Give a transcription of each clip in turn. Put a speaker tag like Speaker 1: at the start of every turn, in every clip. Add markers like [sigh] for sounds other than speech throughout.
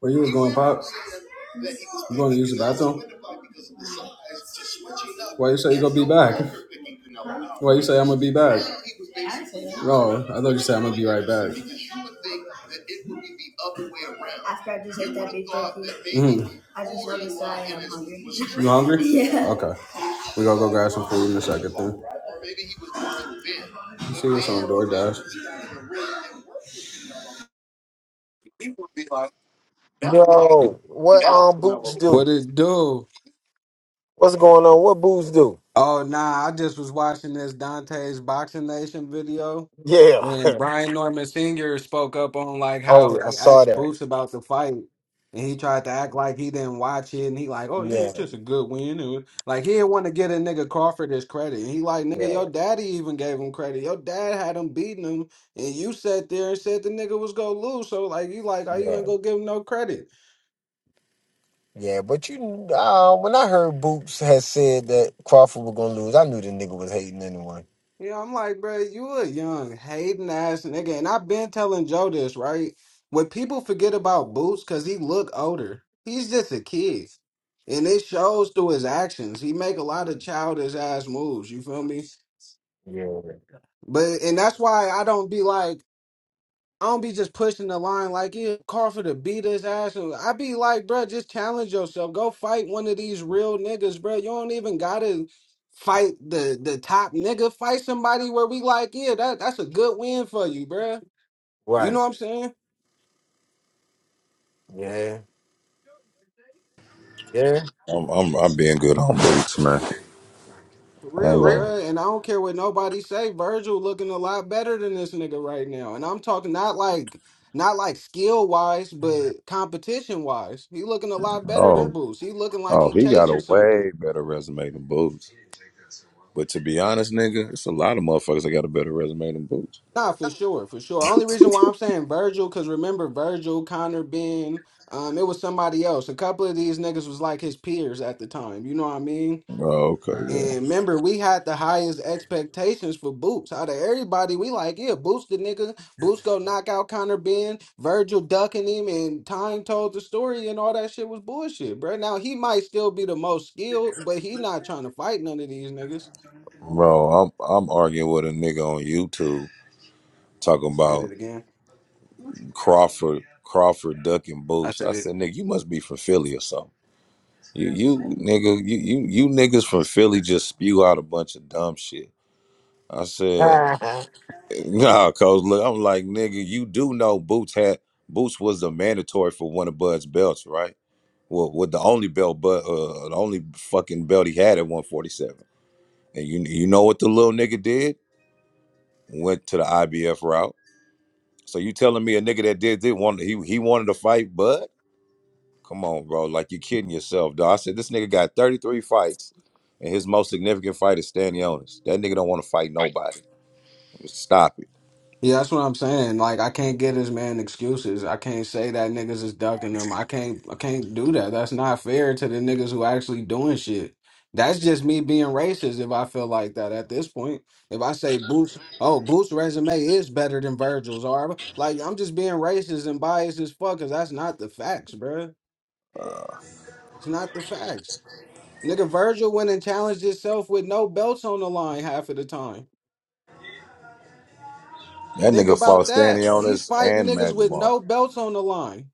Speaker 1: Where you was going, Pops? You going to use the bathroom? Why you say you gonna be back? Why you say I'm gonna be back? No, I thought you said I'm gonna be right back. Mhm. You hungry? Yeah. Okay, we gonna go grab some food in a second then. You see what's on DoorDash?
Speaker 2: Yo, what um boots do?
Speaker 1: What it do?
Speaker 2: What's going on? What boots do?
Speaker 1: Oh nah, I just was watching this Dante's Boxing Nation video.
Speaker 2: Yeah.
Speaker 1: and
Speaker 2: [laughs]
Speaker 1: Brian Norman Sr. spoke up on like how
Speaker 2: oh, I
Speaker 1: they
Speaker 2: saw
Speaker 1: asked
Speaker 2: that.
Speaker 1: Boots about the fight, and he tried to act like he didn't watch it, and he like, oh yeah,
Speaker 2: Yeah,
Speaker 1: it's just a good win, and like he didn't want to get a nigga Crawford his credit. And he like, nigga,
Speaker 2: yeah,
Speaker 1: your daddy even gave him credit. Your dad had him beating him, and you sat there and said the nigga was gonna lose. So like, you like, oh, you
Speaker 2: yeah,
Speaker 1: ain't gonna give him no credit.
Speaker 2: yeah. But you, uh, when I heard Boots had said that Crawford was gonna lose, I knew the nigga was hating anyway.
Speaker 1: Yeah, I'm like, bro, you a young hating ass nigga, and I've been telling Joe this, right? When people forget about Boots, cause he look older, he's just a kid, and it shows through his actions. He make a lot of childish ass moves. You feel me?
Speaker 2: Yeah.
Speaker 1: But and that's why I don't be like. I don't be just pushing the line like yeah, Crawford to beat his ass. And I be like, bro, just challenge yourself. Go fight one of these real niggas, bro. You don't even gotta fight the the top nigga. Fight somebody where we like, yeah, that that's a good win for you, bro. You know
Speaker 2: Right.
Speaker 1: what I'm saying?
Speaker 2: Yeah. Yeah.
Speaker 3: I'm I'm I'm being good on Boots, man.
Speaker 1: For
Speaker 3: I ain't
Speaker 1: real,
Speaker 3: going.
Speaker 1: bro. And I don't care what nobody say. Virgil looking a lot better than this nigga right now. And I'm talking not like not like skill wise, but competition wise. He looking a lot better than
Speaker 3: Oh,
Speaker 1: Boost. He looking like
Speaker 3: oh,
Speaker 1: he
Speaker 3: he got
Speaker 1: chasing
Speaker 3: a
Speaker 1: something.
Speaker 3: way better resume than Boots. But to be honest, nigga, it's a lot of motherfuckers that got a better resume than Boots.
Speaker 1: Nah, for sure, for sure. Only reason why I'm saying Virgil, because remember Virgil, Connor, Ben, um, it was somebody else. A couple of these niggas was like his peers at the time. You know what I mean?
Speaker 3: Oh, okay, yeah,
Speaker 1: And remember, we had the highest expectations for Boots. Out of everybody, we like, yeah, Boots the nigga. Boots go knock out Connor Ben, Virgil ducking him, and Time told the story and all that shit was bullshit, bro. Now he might still be the most skilled, but he not trying to fight none of these niggas.
Speaker 3: bro. I'm I'm arguing with a nigga on YouTube talking
Speaker 1: Did
Speaker 3: about
Speaker 1: it again.
Speaker 3: Crawford Crawford ducking
Speaker 1: I
Speaker 3: Boots. I
Speaker 1: said it.
Speaker 3: said, nigga, you must be from Philly or something. You you nigga, you you you niggas from Philly just spew out a bunch of dumb shit. I said.
Speaker 2: [laughs]
Speaker 3: Nah, coach. Look, I'm like, nigga, you do know Boots had Boots was the mandatory for one of Bud's belts, right? Well, with the only belt, but uh, the only fucking belt he had at 147. And you you know what the little nigga did? Went to the IBF route. So you telling me a nigga that did did want he he wanted to fight Bud? Come on, bro. Like you kidding yourself, dog. I said this nigga got 33 fights, and his most significant fight is Stanionis. That nigga don't want to fight nobody. Stop it.
Speaker 1: Yeah, that's what I'm saying. Like, I can't get this man excuses. I can't say that niggas is ducking them. I can't, I can't do that. That's not fair to the niggas who actually doing shit. That's just me being racist if I feel like that at this point. If I say Boots, oh, Boots' resume is better than Virgil's, or like I'm just being racist and biased as fuck because that's not the facts, bruh. It's not the facts. Nigga, Virgil went and challenged himself with no belts on the line half of the time.
Speaker 3: That
Speaker 1: Think
Speaker 3: nigga
Speaker 1: about
Speaker 3: fought
Speaker 1: that. He's
Speaker 3: Stanionis
Speaker 1: fighting
Speaker 3: and
Speaker 1: niggas
Speaker 3: Magic
Speaker 1: with no belts on the line.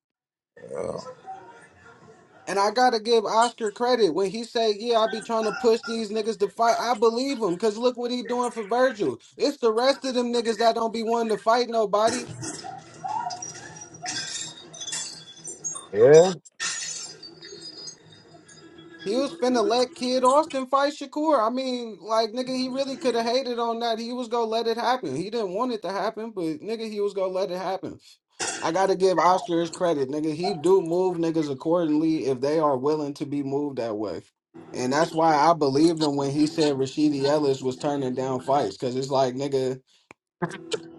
Speaker 1: And I gotta give Oscar credit when he say, "Yeah, I be trying to push these niggas to fight." I believe him, cause look what he doing for Virgil. It's the rest of them niggas that don't be wanting to fight nobody.
Speaker 2: yeah.
Speaker 1: He was finna let Kid Austin fight Shakur. I mean, like nigga, he really could have hated on that. He was gonna let it happen. He didn't want it to happen, but nigga, he was gonna let it happen. I gotta give Oscar his credit, nigga. He do move niggas accordingly if they are willing to be moved that way. And that's why I believed him when he said Rashidi Ellis was turning down fights. Cause it's like, nigga,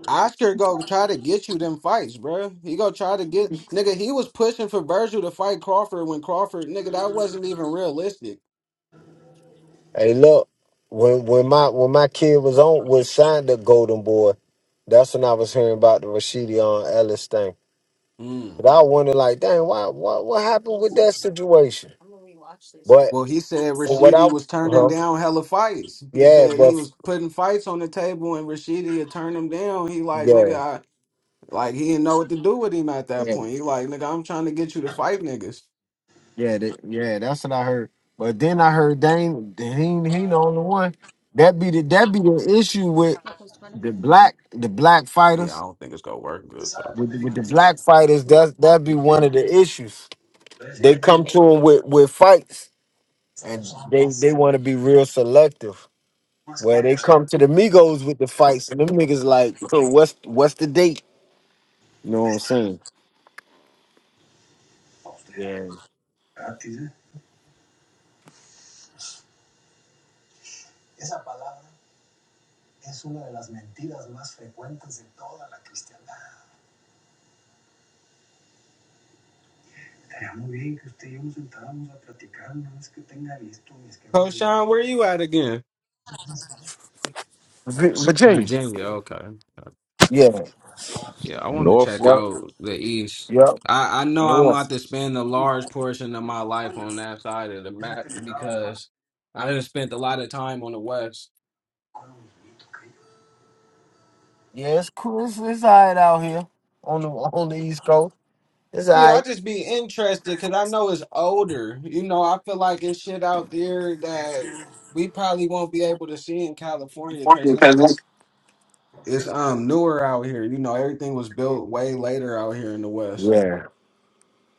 Speaker 1: Oscar go try to get you them fights, bruh. He go try to get nigga, he was pushing for Virgil to fight Crawford when Crawford, nigga, that wasn't even realistic.
Speaker 2: Hey, look. When when my when my kid was on was signed to Golden Boy, that's when I was hearing about the Rashidi Ellis thing.
Speaker 1: Mm.
Speaker 2: But I wonder, like, dang, why, what, what happened with that situation? But
Speaker 1: Well, he said
Speaker 2: for what I,
Speaker 1: Rashidi was turning
Speaker 2: huh?
Speaker 1: down hella fights. He
Speaker 2: Yeah,
Speaker 1: said
Speaker 2: but
Speaker 1: he
Speaker 2: f-
Speaker 1: was putting fights on the table, and Rashidi had turned him down. He like
Speaker 2: yeah,
Speaker 1: nigga, I like he didn't know what to do with him at that
Speaker 2: yeah,
Speaker 1: point. He like nigga, I'm trying to get you to fight niggas.
Speaker 2: yeah, that, yeah. That's what I heard. But then I heard Dame, he he the only one. That be the that be the issue with the black the black
Speaker 1: Yeah, I
Speaker 2: fighters
Speaker 1: don't think it's gonna work good though.
Speaker 2: with with the black fighters. That that be one of the issues. They come to them with with fights, and they they want to be real selective. Where they come to the Migos with the fights, and them niggas like, so what's what's the date? You know what I'm saying? Yeah.
Speaker 1: Coach Sean, where you at again?
Speaker 2: V- Virginia.
Speaker 1: Virginia, okay.
Speaker 2: Yeah.
Speaker 1: Yeah, I want to check
Speaker 3: Norfolk.
Speaker 2: Yep.
Speaker 1: out the East.
Speaker 2: Yep.
Speaker 1: I, I know I'm about
Speaker 2: North.
Speaker 1: to spend a large portion of my life on that side of the map because I just spent a lot of time on the West.
Speaker 2: Yeah, it's cool. It's, it's all right out here on the on the East Coast. It's all
Speaker 1: Yeah, I
Speaker 2: right.
Speaker 1: just be interested because I know it's older. You know, I feel like it's shit out there that we probably won't be able to see in California because it's it's um newer out here. You know, everything was built way later out here in the West.
Speaker 2: Yeah.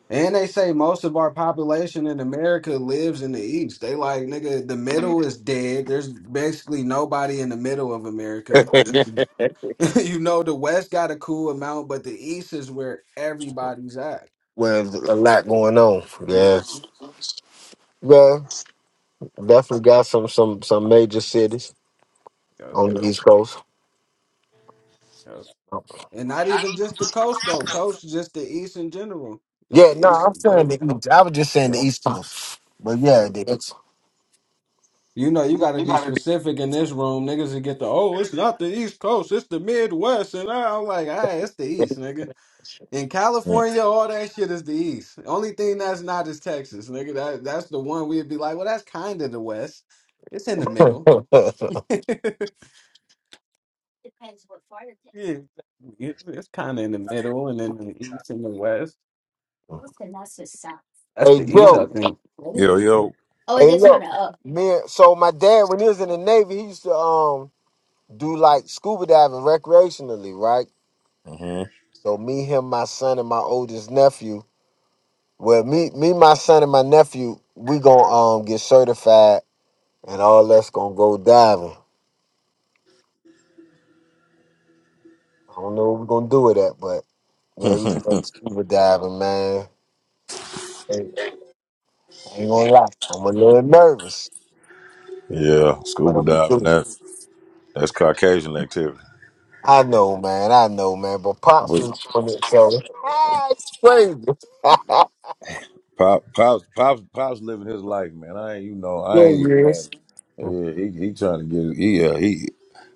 Speaker 1: And they say most of our population in America lives in the East. They like, nigga, the middle is dead. There's basically nobody in the middle of
Speaker 2: [laughs]
Speaker 1: America. [laughs] You know, the West got a cool amount, but the East is where everybody's at.
Speaker 2: well, there's a lot going on. Yeah. Well, definitely got some some some major cities
Speaker 1: Mhm.
Speaker 2: on the East Coast.
Speaker 1: And not even just the coast though, coast, just the east in general. Just
Speaker 2: Yeah,
Speaker 1: the
Speaker 2: no,
Speaker 1: east.
Speaker 2: I'm
Speaker 1: uh,
Speaker 2: saying the East. I was just saying the
Speaker 1: yeah.
Speaker 2: East Coast. But yeah,
Speaker 1: uh,
Speaker 2: the East.
Speaker 1: You know, you got to be specific in this room. Niggas will get the, oh, it's not the east coast, it's the Midwest. And I'm like, all right, it's the east, nigga. In
Speaker 3: Mm.
Speaker 1: California, all that shit is the east. Only thing that's not is Texas, nigga. That, that's the one we'd be like, well, that's kind of the west. It's in the middle.
Speaker 2: [laughs]
Speaker 1: [laughs] yeah, it- it's kind of in the middle and then the east and the west. That's
Speaker 2: hey,
Speaker 1: the east, I
Speaker 2: Joe.
Speaker 1: think. [laughs]
Speaker 3: Yo, yo.
Speaker 2: Hey, look, man. So my dad, when he was in the Navy, he used to um do like scuba diving recreationally, right?
Speaker 3: hmm
Speaker 2: So me, him, my son, and my oldest nephew. Well, me, me, my son, and my nephew, we gonna um get certified, and all that's gonna go diving. I don't know what we're gonna do with that, but yeah, we gonna
Speaker 3: [laughs]
Speaker 2: scuba diving, man. Hey, I ain't gonna lie, I'm a little nervous,
Speaker 3: yeah,
Speaker 2: but
Speaker 3: scuba
Speaker 2: I'm gonna do
Speaker 3: diving.
Speaker 2: it.
Speaker 3: That's that's Caucasian activity.
Speaker 2: I know, man. I know, man. But pops
Speaker 3: But
Speaker 2: was doing it, so [laughs] it's crazy. [laughs]
Speaker 3: Pop, Pop's, Pop's, Pop's living his life, man. I ain't, you know, I
Speaker 2: Yeah,
Speaker 3: ain't even
Speaker 2: years.
Speaker 3: mad. Yeah, he, he trying to get, he, yeah, he,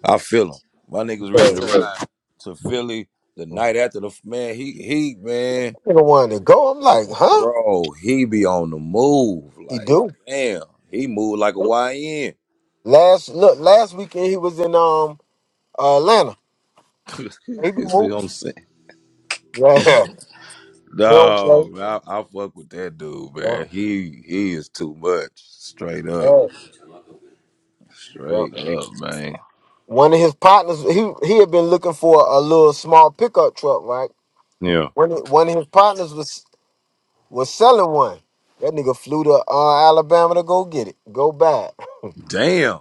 Speaker 3: I feel him. My niggas ready
Speaker 2: So,
Speaker 3: to ride to Philly the night after the, man, he, he, man,
Speaker 2: I'm the one to go. I'm like, huh?
Speaker 3: bro, he be on the move.
Speaker 2: He
Speaker 3: Like,
Speaker 2: do.
Speaker 3: damn, he moved like a YN.
Speaker 2: Last look, last weekend he was in um Atlanta. He be
Speaker 3: [laughs] See
Speaker 2: moving.
Speaker 3: what I'm saying?
Speaker 2: Yeah, [laughs] not play.
Speaker 3: No, I, I fuck with that dude,
Speaker 2: Yeah,
Speaker 3: man. He he is too much. Straight up.
Speaker 2: yeah,
Speaker 3: Straight
Speaker 2: yeah.
Speaker 3: up, man.
Speaker 2: One of his partners, he he had been looking for a little small pickup truck, right?
Speaker 3: Yeah.
Speaker 2: One of- one of his partners was was selling one. That nigga flew to uh, Alabama to go get it, go buy it.
Speaker 3: Damn.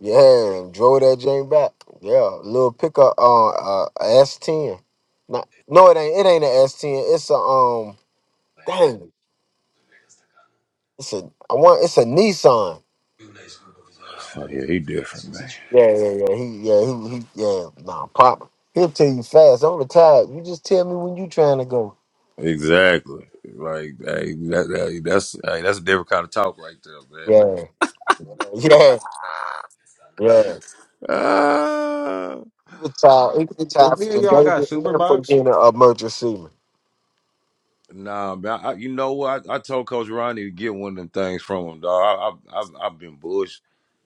Speaker 2: Yeah, and drove that Jane back. Yeah, little pickup on uh, a S ten. Not, no, it ain't. It ain't an S ten. It's a um. Dang, it's a. I want. It's a Nissan.
Speaker 3: Oh yeah, he different, man.
Speaker 2: Yeah, yeah, yeah. He, yeah, he, he yeah. Nah, pop. He'll tell you fast on the tag. You just tell me when you trying to go.
Speaker 3: Exactly. Like, hey, that, that- that's hey, that's a different kind of talk right there, man.
Speaker 2: Yeah, yeah, yeah.
Speaker 3: Uh,
Speaker 2: He retired. He
Speaker 1: Hey, do
Speaker 2: retired
Speaker 1: Any of
Speaker 2: from
Speaker 1: y'all got
Speaker 2: Navy and from
Speaker 1: Superbox?
Speaker 2: being a merchant seaman.
Speaker 3: nah, man. I, you know what? I, I told Coach Ronnie to get one of them things from him, dog. I, I, I've, I've been bush.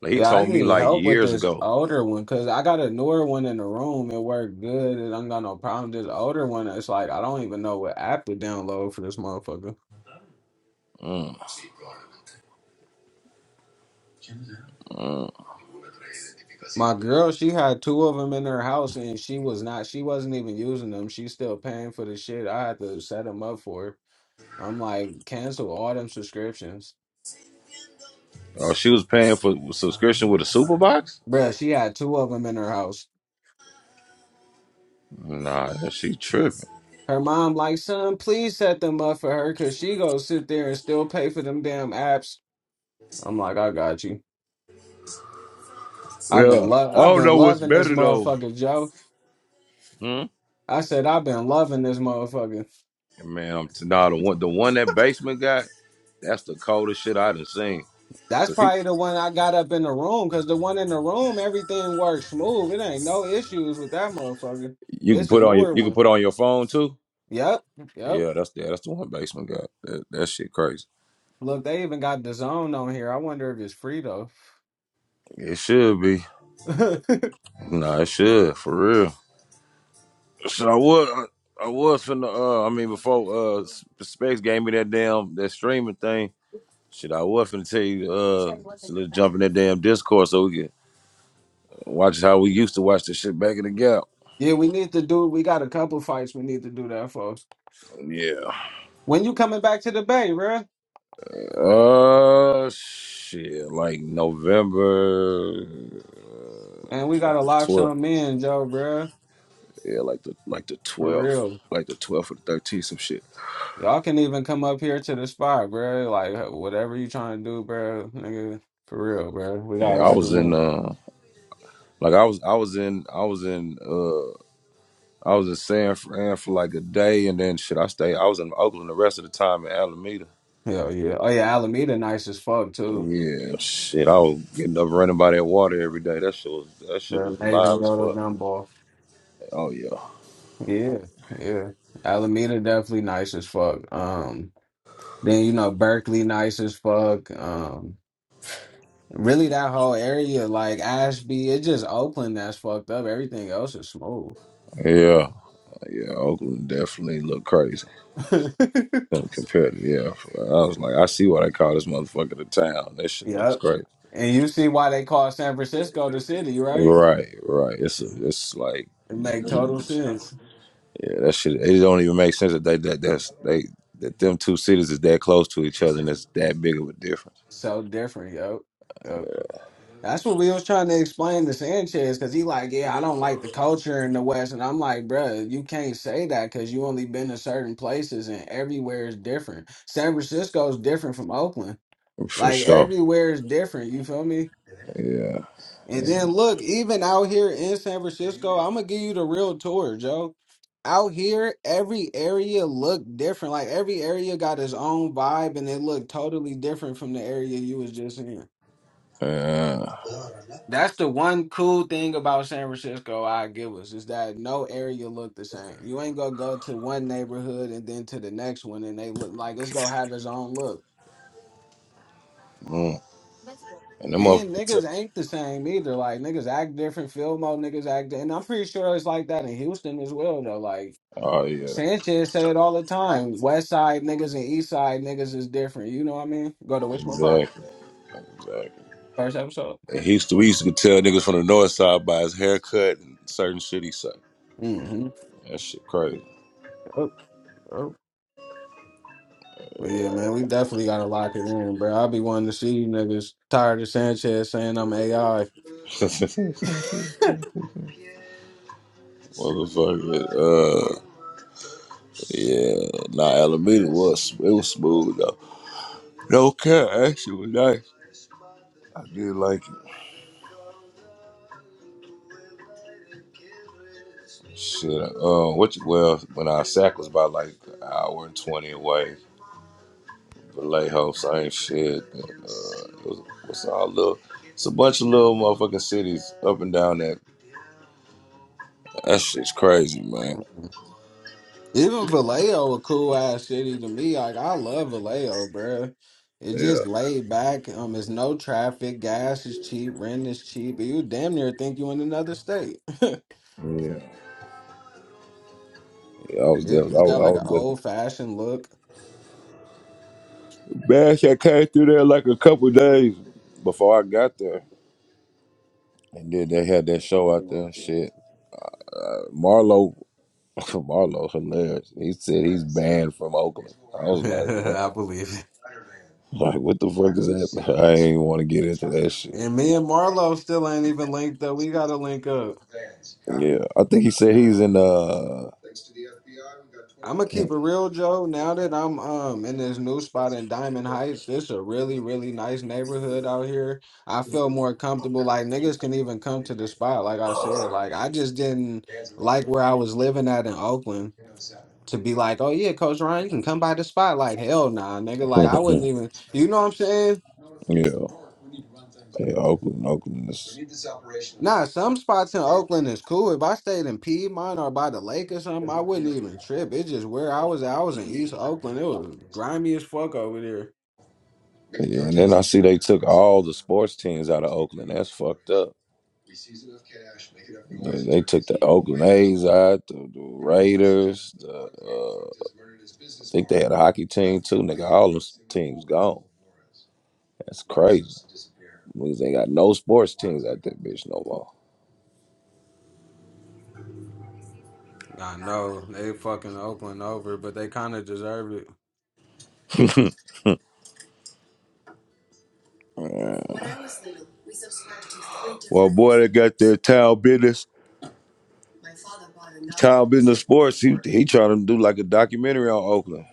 Speaker 3: Like, he
Speaker 1: Yeah, I
Speaker 3: told me
Speaker 1: need
Speaker 3: like
Speaker 1: help with
Speaker 3: years
Speaker 1: this
Speaker 3: ago.
Speaker 1: older one because I got a newer one in the room. It worked good. and I don't got no problem. This older one, it's like I don't even know what app to download for this motherfucker.
Speaker 3: Mm, mm.
Speaker 1: My girl, she had two of them in her house and she was not, she wasn't even using them. She's still paying for the shit. I had to set them up for her. I'm like, cancel all them subscriptions.
Speaker 3: Oh, she was paying for subscription with a super box.
Speaker 1: Bruh, she had two of them in her house.
Speaker 3: Nah, that she tripping.
Speaker 1: Her mom, like, son, please set them up for her because she go sit there and still pay for them damn apps. I'm like, I got you. I've been
Speaker 3: Yeah,
Speaker 1: love
Speaker 3: I
Speaker 1: I've
Speaker 3: don't
Speaker 1: been
Speaker 3: know what's
Speaker 1: loving this
Speaker 3: better though.
Speaker 1: motherfucker, Joe.
Speaker 3: Hmm?
Speaker 1: I said I've been loving this motherfucker.
Speaker 3: Man, I'm t- nah, the one, the one that basement got. That's the coldest shit I done seen.
Speaker 1: That's
Speaker 3: Cause he,
Speaker 1: probably the one I got up in the room because the one in the room, everything works smooth. It ain't no issues with that motherfucker.
Speaker 3: you can
Speaker 1: It's a
Speaker 3: put on your,
Speaker 1: newer
Speaker 3: you can
Speaker 1: one.
Speaker 3: put on your phone too.
Speaker 1: Yep, yep.
Speaker 3: Yeah, that's the that's the one basement got. That, that shit crazy.
Speaker 1: Look, they even got the zone on here. I wonder if it's free though.
Speaker 3: It should be.
Speaker 1: [laughs] yeah,
Speaker 3: Nah, it should for real. So I was I, was finna. Uh, I mean, before uh S- Specs gave me that damn that streaming thing. Shit, I was finna tell you. Uh, so let's jump in that damn Discord so we can Watch how we used to watch the shit back in the gap.
Speaker 1: we need to do. We got a couple fights we need to do that, folks.
Speaker 3: Yeah.
Speaker 1: When you coming back to the bay, bruh?
Speaker 3: Uh, shit. Like November,
Speaker 1: And we
Speaker 3: like
Speaker 1: gotta
Speaker 3: the
Speaker 1: lock
Speaker 3: twelfth.
Speaker 1: some in, Joe, bruh.
Speaker 3: Yeah, like the like the
Speaker 1: For
Speaker 3: twelfth,
Speaker 1: real.
Speaker 3: like the twelfth or the thirteenth, some shit.
Speaker 1: Y'all can even come up here to the spot, bro. Like whatever you trying to do, bro, nigga. For real, bro. We gotta
Speaker 3: Yeah, I
Speaker 1: lock it
Speaker 3: was in.
Speaker 1: in.
Speaker 3: Uh, like I was, I was in, I was in, uh, I was in San Fran for like a day, and then shit, I stayed. I was in Oakland the rest of the time in Alameda.
Speaker 1: Hell yeah. Oh yeah, Alameda nice as fuck too.
Speaker 3: Yeah, shit, I was getting up running by that water every day. That shit was, that shit
Speaker 1: The
Speaker 3: was
Speaker 1: amazing
Speaker 3: live as
Speaker 1: Yoda
Speaker 3: fuck.
Speaker 1: gumball.
Speaker 3: Oh yeah.
Speaker 1: Yeah, yeah. Alameda definitely nice as fuck. Um then you know Berkeley nice as fuck. Um really that whole area, like Ashby, it's just Oakland that's fucked up. Everything else is smooth.
Speaker 3: Yeah, yeah, Oakland definitely looked crazy
Speaker 1: [laughs]
Speaker 3: compared to yeah. I was like, I see why they call this motherfucker the town. That shit looks
Speaker 1: Yep.
Speaker 3: great.
Speaker 1: And you see why they call San Francisco the city, right?
Speaker 3: Right, right. It's a, it's like,
Speaker 1: It make total
Speaker 3: yeah,
Speaker 1: sense.
Speaker 3: that shit. It don't even make sense that they that that's they that them two cities is that close to each other and it's that big of a difference
Speaker 1: So different, yo. Yep. That's what we was trying to explain to Sanchez because he like, yeah, I don't like the culture in the West, and I'm like, bruh, you can't say that because you only been to certain places, and everywhere is different. San Francisco is different from Oakland.
Speaker 3: for
Speaker 1: Like
Speaker 3: sure.
Speaker 1: everywhere is different. You feel me?
Speaker 3: Yeah,
Speaker 1: And then look, even out here in San Francisco, I'm gonna give you the real tour, Joe. Out here, every area look different. Like every area got its own vibe, and it looked totally different from the area you was just in.
Speaker 3: yeah.
Speaker 1: That's the one cool thing about San Francisco I give us is that no area look the same. You ain't gonna go to one neighborhood and then to the next one and they look like it's gonna have its own look.
Speaker 3: Mm. And the
Speaker 1: And
Speaker 3: motherfucker took.
Speaker 1: niggas ain't the same either. Like niggas act different. Filmo niggas act, and I'm pretty sure it's like that in Houston as well. Though, like
Speaker 3: Oh yeah,
Speaker 1: Sanchez say it all the time. West Side niggas and East Side niggas is different. You know what I mean? Go to which one pop
Speaker 3: exactly, exactly.
Speaker 1: first episode.
Speaker 3: And he used to, we used to tell niggas from the north side by his haircut and certain shit he say.
Speaker 1: Mm-hmm.
Speaker 3: That shit crazy.
Speaker 1: Oh, oh. But yeah, man, we definitely gotta lock it in, bro. I'll be wanting to see you niggas tired of Sanchez saying I'm AI.
Speaker 3: [laughs] Motherfucker. Uh, yeah. Nah, Alameda was it was smooth though. No care, actually was nice. I did like it. Shit. Uh, what? You, well, when our sack was about like an hour and twenty away, Vallejo, same shit. Uh, it was it's all little. It's a bunch of little motherfucking cities up and down that. That shit's crazy, man.
Speaker 1: Even Vallejo, a cool ass city to me. Like I love Vallejo, bro. It's
Speaker 3: Yeah.
Speaker 1: just laid back. Um, it's no traffic. Gas is cheap. Rent is cheap. You damn near think you in another state. [laughs] it,
Speaker 3: Yeah, Yeah, I was there. I was,
Speaker 1: it's got
Speaker 3: I
Speaker 1: like
Speaker 3: was
Speaker 1: an
Speaker 3: there.
Speaker 1: old fashioned look.
Speaker 3: Bash had came through there like a
Speaker 1: [laughs]
Speaker 3: couple days before I got there, and then they had that show out there. and
Speaker 1: I
Speaker 3: Shit, Marlo, [laughs] Marlo, hilarious. He said he's banned from Oakland. I was like, what? [laughs]
Speaker 1: believe it.
Speaker 3: Like, what the fuck is that? [laughs] I ain't want to get into that shit.
Speaker 1: And me and Marlo still ain't even linked though. We gotta link up.
Speaker 3: Yeah, I think he said he's in. uh [laughs]
Speaker 1: I'm gonna keep it real, Joe. Now that I'm um in this new spot in Diamond Heights, this a really, really nice neighborhood out here. I feel more comfortable. Like niggas can even come to the spot. Like I said, like I just didn't like where I was living at in Oakland to be like, oh yeah, Coach Ryan, you can come by the spot. Like hell nah, nigga. Like I wouldn't even. You know what I'm saying?
Speaker 3: yeah, yeah, Oakland, Oakland. is-
Speaker 1: Nah, some spots in Oakland is cool. If I stayed in Piedmont or by the lake or something, I wouldn't even trip. It's just where I was at. I was in East Oakland. It was grimy as fuck over there.
Speaker 3: Yeah, and then I see they took all the sports teams out of Oakland. That's fucked up. They, they took the Oakland A's out, the, the Raiders. The, uh, I think they had a hockey team too. Nigga, all them teams gone. That's crazy. Means they got no sports teams out that bitch, no more.
Speaker 1: I know they fucking Oakland over, but they kind of deserve it.
Speaker 3: Well, boy, they got their town business. Town business sports. He he trying to do like a documentary on Oakland.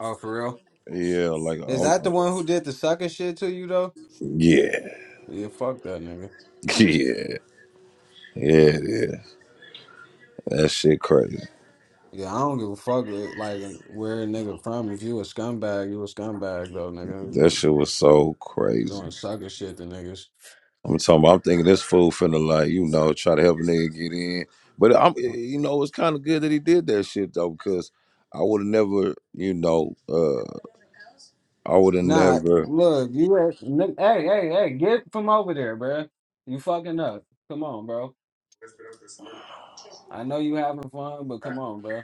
Speaker 1: Oh, for real?
Speaker 3: Yeah, like
Speaker 1: Is that the
Speaker 3: on,
Speaker 1: one who did the sucker shit to you though?
Speaker 3: Yeah,
Speaker 1: Yeah, fuck that nigga.
Speaker 3: [laughs] yeah, yeah. It is. That shit crazy.
Speaker 1: Yeah, I don't give a fuck uh, like where a nigga from. If you a scumbag, you a scumbag though, nigga.
Speaker 3: That
Speaker 1: You
Speaker 3: shit was so crazy.
Speaker 1: doing sucker shit to niggas.
Speaker 3: I'm talking. About, I'm thinking this fool finna like you know try to help a nigga get in, but I'm eh, eh, you know it's kind of good that he did that shit though because I would have never you know uh I would have
Speaker 1: Nah,
Speaker 3: never.
Speaker 1: look, you at- ni- hey hey hey, get from over there, bruh. You fucking up. Come on, bro. I know you having fun, but come on, bruh.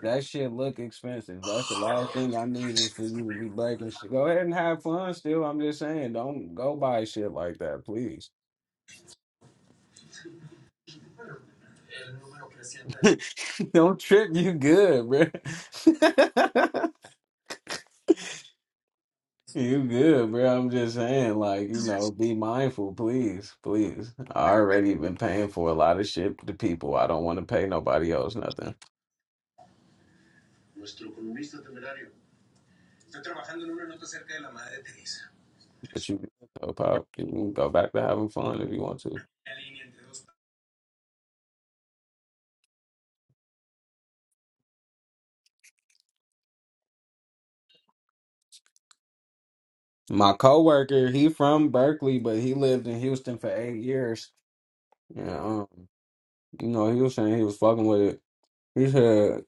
Speaker 1: That shit look expensive. That's the last thing I need is for you to be breaking shit. Go ahead and have fun still. I'm just saying, don't go buy shit like that, please. [laughs] don't trip. You good, bro? [laughs] you good, bro? I'm just saying, like, you know, be mindful, please, please. I already been paying for a lot of shit to people. I don't want to pay nobody else nothing. But you, oh, pop, you can go back to having fun if you want to. My coworker, he from Berkeley, but he lived in Houston for eight years. And um, you know, he was saying he was fucking with it. He said,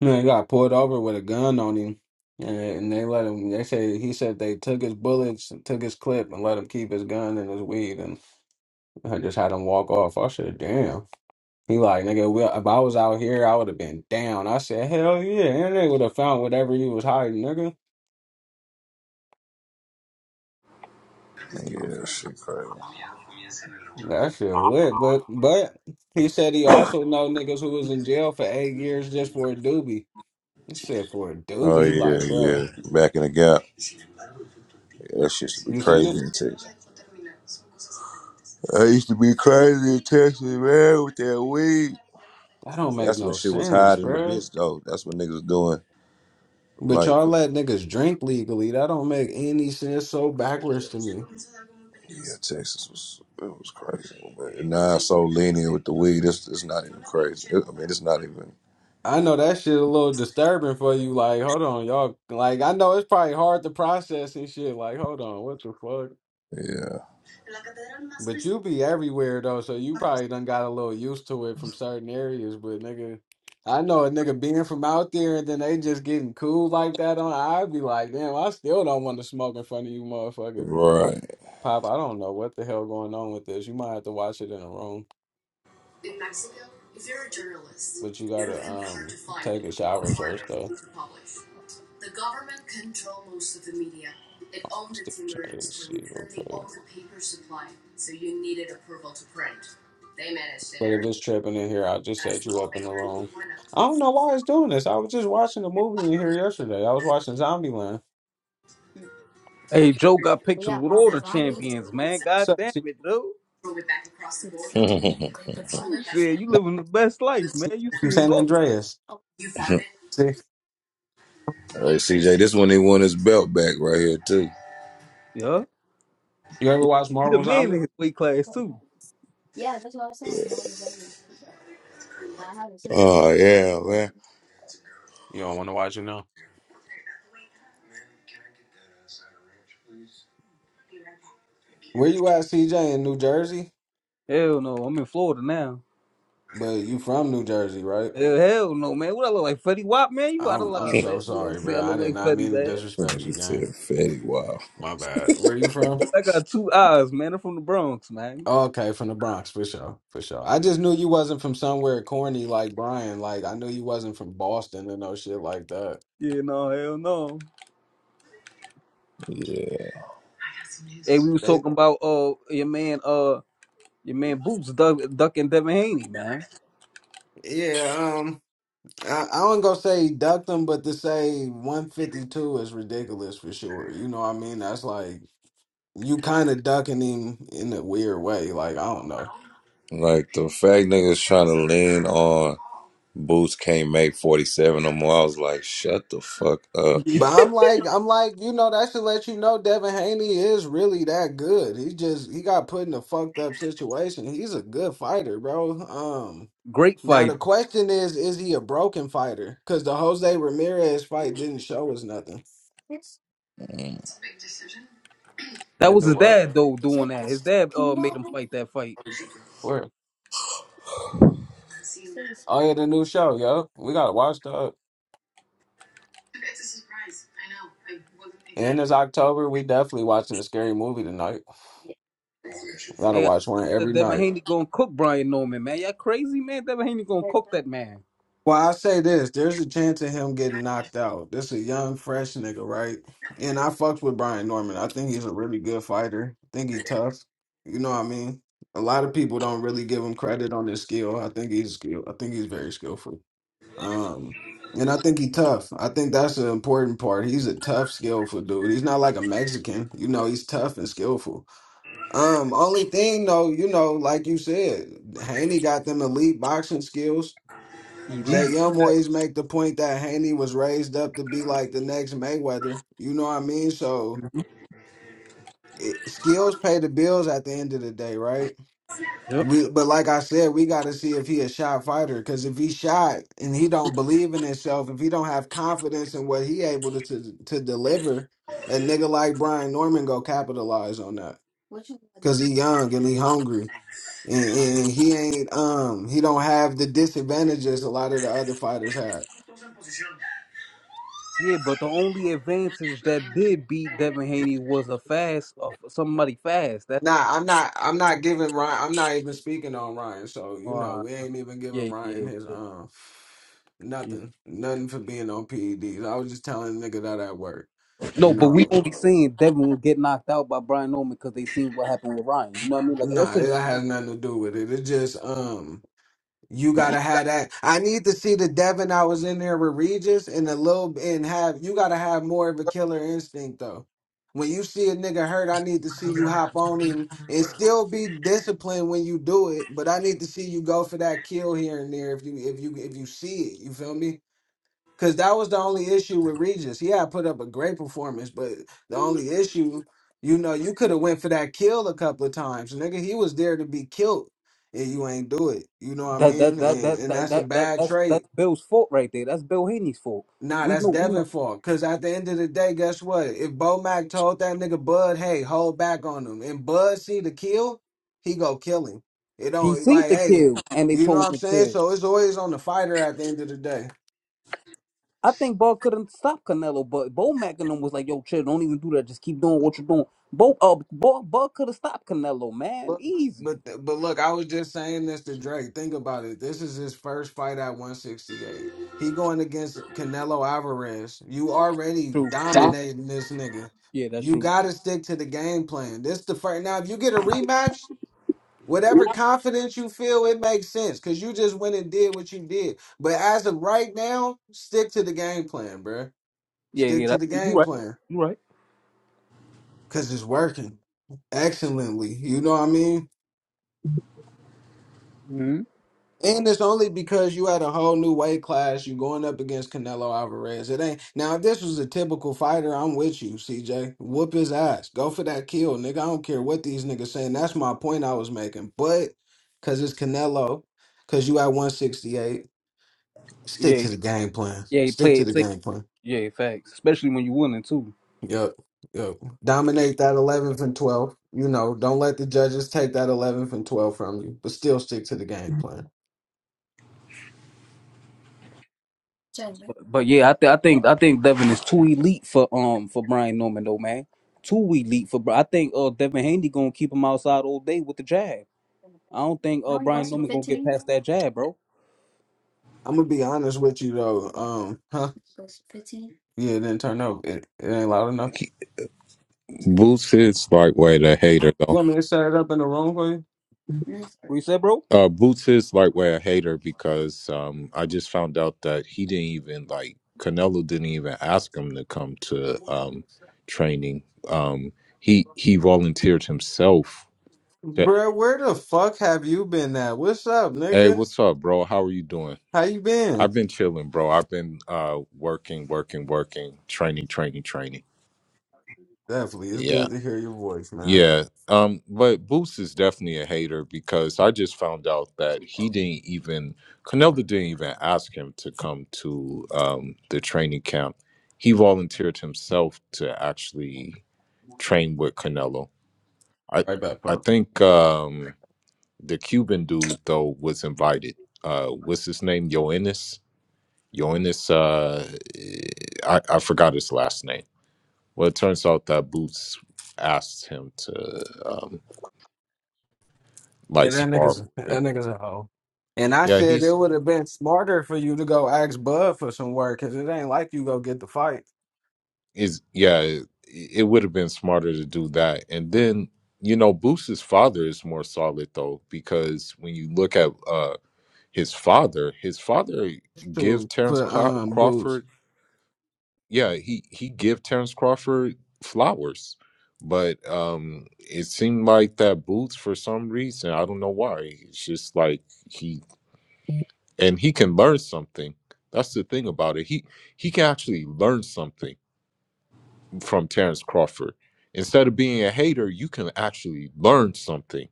Speaker 1: you know, he got pulled over with a gun on him, and, and they let him. They said he said they took his bullets, and took his clip, and let him keep his gun and his weed, and I just had him walk off. I said, damn. He like, nigga, we, if I was out here, I would have been down. I said, hell yeah, and they would have found whatever he was hiding, nigga.
Speaker 3: Yeah, shit crazy.
Speaker 1: That shit lit, but but he said he also know niggas who was in jail for eight years just for a doobie. He said for a
Speaker 3: Oh
Speaker 1: doobie, he
Speaker 3: yeah,
Speaker 1: like, bruh,
Speaker 3: yeah. Back in the gap, yeah, that shit used to be
Speaker 1: you seen
Speaker 3: crazy
Speaker 1: it?
Speaker 3: in Texas. That used to be crazy in Texas, man, with that weed.
Speaker 1: That don't make
Speaker 3: That's when
Speaker 1: no
Speaker 3: shit was
Speaker 1: sense,
Speaker 3: hiding the
Speaker 1: bruh.
Speaker 3: bitch though. That's what niggas was doing.
Speaker 1: But
Speaker 3: Like
Speaker 1: y'all let niggas drink legally. That don't make any sense. So backwards to me.
Speaker 3: yeah, Texas was it was crazy. But now it's so lenient with the weed. It's it's not even crazy. It- I mean, it's not even
Speaker 1: I know that shit a little disturbing for you. Like, hold on, y'all. Like, I know it's probably hard to process and shit. Like, hold on, what the fuck?
Speaker 3: yeah.
Speaker 1: But you be everywhere though, so you probably done got a little used to it from certain areas. But nigga, I know a nigga being from out there and then they just getting cool like that on. I'd be like, damn, I still don't want to smoke in front of you, motherfucker.
Speaker 3: Right.
Speaker 1: Pop, I don't know what the hell going on with this. You might have to watch it in a room, but you gotta um take a shower first though. Still try to see real quick. But if it's tripping in here, I'll just set you up in the room. I don't know why it's doing this. I was just watching a movie in here yesterday. I was watching Zombieland.
Speaker 4: Hey, Joe got pictures with all the champions, man.
Speaker 1: What's
Speaker 4: God damn
Speaker 1: up,
Speaker 4: it, Joe.
Speaker 3: [laughs] hey
Speaker 4: Shit, you living the best life, man. You
Speaker 1: from
Speaker 4: seeing
Speaker 1: San
Speaker 4: all of them.
Speaker 1: Andreas. See,
Speaker 3: CJ, this one he won his belt back right here too.
Speaker 4: Yeah.
Speaker 1: you ever
Speaker 4: Yeah.
Speaker 1: watch
Speaker 4: He the
Speaker 1: Marvel
Speaker 4: man in
Speaker 1: Zombie?
Speaker 4: his weight class, too.
Speaker 3: Oh yeah, man.
Speaker 1: You don't want to watch it now. Where you at, CJ? In New Jersey,
Speaker 4: Hell no, I'm in Florida now.
Speaker 1: but you from New Jersey, right?
Speaker 4: Hell, hell no, man. What I look like, Fetty Wap, man? You out of
Speaker 1: I'm I'm
Speaker 4: line,
Speaker 3: [laughs]
Speaker 1: so
Speaker 4: man. You gonna
Speaker 1: sorry,
Speaker 4: say
Speaker 1: bro.
Speaker 4: I
Speaker 1: I
Speaker 4: look
Speaker 1: did
Speaker 4: like
Speaker 1: not
Speaker 4: Fetty,
Speaker 1: mean to
Speaker 4: man.
Speaker 1: disrespect you,
Speaker 3: Nigga
Speaker 1: gang.
Speaker 3: said fatty wow.
Speaker 1: My bad. Where you from?
Speaker 4: Man, I got two eyes, man. I'm from the Bronx, man.
Speaker 1: Oh, Okay, from the Bronx, for sure, for sure. I just knew you wasn't from somewhere corny like Brian. Like I knew you wasn't from Boston and no shit like that.
Speaker 4: Yeah, no, hell no.
Speaker 3: Yeah.
Speaker 4: Hey, we was
Speaker 1: They,
Speaker 4: talking about uh your man, uh your man Boots duck, ducking Devin Haney, man.
Speaker 1: yeah, um, I, I wouldn't go say duck them, but to say 152 is ridiculous for sure. You know what I mean? That's like you kind of ducking him in a weird way. Like I don't know,
Speaker 3: Like the fact niggas trying to lean on Boots can't make forty seven no more. I was like, shut the fuck up.
Speaker 4: [laughs] Yeah.
Speaker 1: but I'm like I'm like you know that should let you know Devin Haney is really that good. He just he got put in a fucked up situation. He's a good fighter, bro. Um,
Speaker 4: Great
Speaker 1: now
Speaker 4: fighter.
Speaker 1: the question is, is he a broken fighter? Because the Jose Ramirez fight didn't show us nothing.
Speaker 4: That
Speaker 1: The
Speaker 4: was
Speaker 1: new
Speaker 4: his
Speaker 1: what?
Speaker 4: dad though doing that. His dad uh made him fight that fight.
Speaker 1: Where? Oh yeah, the new show, yo. We gotta watch that. And it's October. We definitely watching a scary movie tonight. Gotta
Speaker 4: Hey, I
Speaker 1: watch one
Speaker 4: said
Speaker 1: every night.
Speaker 4: Devin Haney gonna cook Brian Norman, man. Y'all crazy, man. Devin Haney gonna cook that man.
Speaker 1: Well, I say this: there's a chance of him getting knocked out. This a young, fresh nigga, right? And I fucks with Brian Norman. I think he's a really good fighter. I think he tough. You know what I mean? A lot of people don't really give him credit on his skill. I think he's skilled. I think he's very skillful. Um, and I think he tough. I think that's the important part. He's a tough, skillful dude. He's not like a Mexican. You know, he's tough and skillful. Um, only thing though, you know, like you said, Haney got them elite boxing skills. Jay
Speaker 4: Elite.
Speaker 1: Young always make the point that Haney was raised up to be like the next Mayweather. You know what I mean? So it, skills pay the bills at the end of the day, right?
Speaker 4: Yep.
Speaker 1: We, but like I said, we got to see if he a shot fighter. Because if he shot and he don't believe in himself, if he don't have confidence in what he able to to, to deliver, a nigga like Brian Norman go capitalize on that. Because he young and he hungry. And, and he ain't um he don't have the disadvantages a lot of the other fighters have.
Speaker 4: Yeah, but the only advantage that did beat Devin Haney was a fast, uh, somebody fast. That's
Speaker 1: Nah, I'm not. I'm not giving Ryan. I'm not even speaking on Ryan. So you know,
Speaker 4: why.
Speaker 1: we ain't even giving
Speaker 4: yeah,
Speaker 1: Ryan
Speaker 4: yeah,
Speaker 1: his um
Speaker 4: yeah.
Speaker 1: nothing, nothing for being on PEDs. I was just telling the nigga that at work. You
Speaker 4: No, but we
Speaker 1: know,
Speaker 4: only seen Devin get knocked out by Brian Norman because they seen what happened with Ryan. You know what I mean? Like, let's
Speaker 1: nah, it
Speaker 4: just
Speaker 1: has nothing to do with it. It just um. You gotta have that. I need to see the Devin I was in there with Regis and a little b- and have you gotta have more of a killer instinct though. When you see a nigga hurt, I need to see you hop on him and still be disciplined when you do it. But I need to see you go for that kill here and there if you if you if you see it. You feel me? Because that was the only issue with Regis. He had put up a great performance, but the only issue, you know, you could have went for that kill a couple of times. Nigga, he was there to be killed, and you ain't do it. You know what I
Speaker 4: that that
Speaker 1: mean?
Speaker 4: that
Speaker 1: And
Speaker 4: that
Speaker 1: and
Speaker 4: that
Speaker 1: that's a
Speaker 4: that, that
Speaker 1: bad
Speaker 4: that's
Speaker 1: trait.
Speaker 4: that's Bill's fault right there. That's Bill Haney's fault.
Speaker 1: Nah,
Speaker 4: We
Speaker 1: that's
Speaker 4: know we
Speaker 1: Devin
Speaker 4: know
Speaker 1: fault. Cause at the end of the day, guess what? If Bo Mac told that nigga Bud, hey, hold back on him, and Bud see the kill, he go kill him. It
Speaker 4: He
Speaker 1: don't
Speaker 4: seen
Speaker 1: like,
Speaker 4: the
Speaker 1: hey,
Speaker 4: kill, and they
Speaker 1: you know what
Speaker 4: told
Speaker 1: I'm
Speaker 4: him to
Speaker 1: saying?
Speaker 4: chill.
Speaker 1: So it's always on the fighter at the end of the day.
Speaker 4: I think Bo couldn't stop Canelo, but Bo Mack and them was like, "Yo, chill, don't even do that. Just keep doing what you're doing." Bo, uh, Bo, Bo could have stopped Canelo, man.
Speaker 1: Look,
Speaker 4: Easy.
Speaker 1: but but look, I was just saying this to Drake. Think about it. This is his first fight at 168. He going against Canelo Alvarez. You already
Speaker 4: True. True.
Speaker 1: dominating this nigga.
Speaker 4: Yeah, that's
Speaker 1: You
Speaker 4: true.
Speaker 1: got to stick to the game plan. This the first. Now, if you get a rematch, whatever confidence you feel, it makes sense because you just went and did what you did. But as of right now, stick to the game plan, bruh.
Speaker 4: Yeah,
Speaker 1: Stick
Speaker 4: yeah.
Speaker 1: to
Speaker 4: That's,
Speaker 1: the
Speaker 4: you
Speaker 1: game
Speaker 4: right.
Speaker 1: plan
Speaker 4: You right.
Speaker 1: because it's working excellently. You know what I mean?
Speaker 4: hmm
Speaker 1: And it's only because you had a whole new weight class. You going up against Canelo Alvarez. It ain't now. If this was a typical fighter, I'm with you, CJ. Whoop his ass. Go for that kill, nigga. I don't care what these niggas saying. That's my point I was making. But because it's Canelo, because you at 168, stick
Speaker 4: Yeah.
Speaker 1: to the game plan.
Speaker 4: Yeah. He
Speaker 1: Stick
Speaker 4: played
Speaker 1: to
Speaker 4: it
Speaker 1: the
Speaker 4: safe.
Speaker 1: game plan.
Speaker 4: Yeah, facts. Especially when you winning too.
Speaker 1: Yep. Yep. Dominate that 11th and 12th. You know, don't let the judges take that 11th and 12th from you, but still stick to the game plan.
Speaker 4: But, but yeah, I, th- I think I think Devin is too elite for um for Brian Norman though, man. Too elite for. Bri- I think uh Devin Haney gonna keep him outside all day with the jab. I don't think uh Brian Newman gonna get past that jab, bro.
Speaker 1: I'm gonna be honest with you though. Um, huh? Yeah, it didn't turn up. It, it ain't loud enough.
Speaker 5: Boots is like way a hater though.
Speaker 1: You want me to set it up in the room for you?
Speaker 4: What you said, bro?
Speaker 5: Uh, Boots is like way a hater because um, I just found out that he didn't even like Canelo didn't even ask him to come to um, training. Um, he he volunteered himself. Yeah.
Speaker 1: Bruh, where the fuck have you been at? What's up,
Speaker 5: Hey,
Speaker 1: nigga?
Speaker 5: what's up, bro? How are you doing?
Speaker 1: How you been?
Speaker 5: I've been chilling, bro. I've been uh, working, working, working, training, training, training.
Speaker 1: Definitely, it's
Speaker 5: Yeah.
Speaker 1: good to hear your voice, man.
Speaker 5: Yeah. Um, but Boots is definitely a hater because I just found out that he didn't even Canelo didn't even ask him to come to um the training camp. He volunteered himself to actually train with Canelo. I
Speaker 1: Right back,
Speaker 5: I
Speaker 1: Pop.
Speaker 5: think um the Cuban dude though was invited. Uh what's his name? Yoenis? Yoenis uh I, I forgot his last name. Well it turns out that Boots asked him to um,
Speaker 1: Yeah,
Speaker 5: like
Speaker 1: that
Speaker 5: spar
Speaker 1: nigga's
Speaker 5: with
Speaker 1: that
Speaker 5: him.
Speaker 1: nigga's a hoe. And I
Speaker 5: Yeah,
Speaker 1: said it
Speaker 5: he's
Speaker 1: would have been smarter for you to go ask Bud for some work, cause it ain't like you go get the fight
Speaker 5: is yeah. It, it would have been smarter to do that, and then you know Booster's father is more solid though because when you look at uh his father, his father give
Speaker 1: to
Speaker 5: Terrence
Speaker 1: for
Speaker 5: Craw-
Speaker 1: um boots.
Speaker 5: Crawford. Yeah, he he give Terrence Crawford flowers, but um it seemed like that Boots for some reason I don't know why. It's just like he and he can learn something. That's the thing about it. He he can actually learn something from Terrence Crawford. Instead of being a hater, you can actually learn something.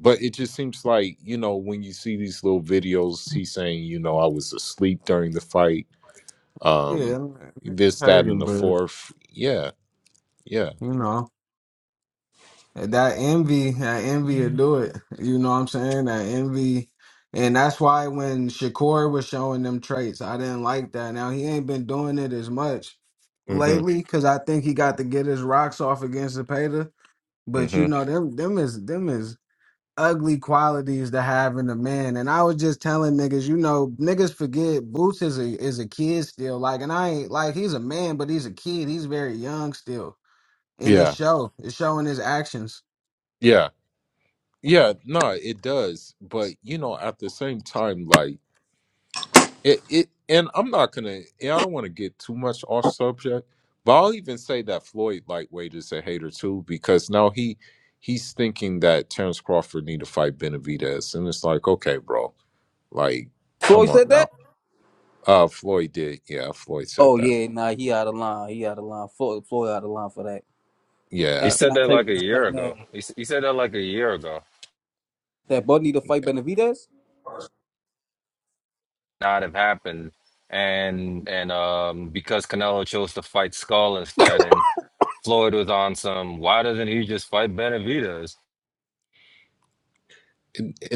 Speaker 5: But it just seems like, you know, when you see these little videos, he's saying, you know, I was asleep during the fight,
Speaker 1: Yeah,
Speaker 5: um,
Speaker 1: that nigga was
Speaker 5: this, that, and
Speaker 1: hating,
Speaker 5: the
Speaker 1: but
Speaker 5: fourth. Yeah, yeah.
Speaker 1: you know. That envy, that envy will do it. You know what I'm saying? That envy. And that's why when Shakur was showing them traits, I didn't like that. Now he ain't been doing it as much
Speaker 5: Mm-hmm.
Speaker 1: lately because I think he got to get his rocks off against Zepeda. But you
Speaker 5: Mm-hmm.
Speaker 1: know, them them is them is ugly qualities to have in a man. And I was just telling niggas, you know, niggas forget Boots is a is a kid still. Like, and I ain't like he's a man, but he's a kid. He's very young still. And it
Speaker 5: Yeah.
Speaker 1: show. It's showing his actions.
Speaker 5: Yeah. Yeah. No, it does. But you know, at the same time, like It, it and I'm not gonna. and I don't want to get too much off subject, but I'll even say that Floyd lightweight is a hater too because now he he's thinking that Terrence Crawford need to fight Benavidez, and it's like, okay, bro, like, come
Speaker 4: Floyd
Speaker 5: on
Speaker 4: said
Speaker 5: now.
Speaker 4: that?
Speaker 5: Uh, Floyd did, yeah. Floyd said
Speaker 4: Oh
Speaker 5: that,
Speaker 4: yeah, nah, he out of line. He out of line. Floyd, Floyd out of line for that.
Speaker 6: He
Speaker 4: And,
Speaker 5: yeah.
Speaker 4: and
Speaker 6: said
Speaker 4: I
Speaker 6: that
Speaker 4: tell you
Speaker 6: like a
Speaker 4: this
Speaker 6: year
Speaker 4: right now,
Speaker 6: ago. He, s- he said that like a year ago.
Speaker 4: that Bud need to fight
Speaker 5: yeah.
Speaker 4: Benavidez.
Speaker 6: Not have happened, and and um because Canelo chose to fight Skull instead, and Floyd was on some. Why doesn't he just fight Benavidez?
Speaker 5: and. and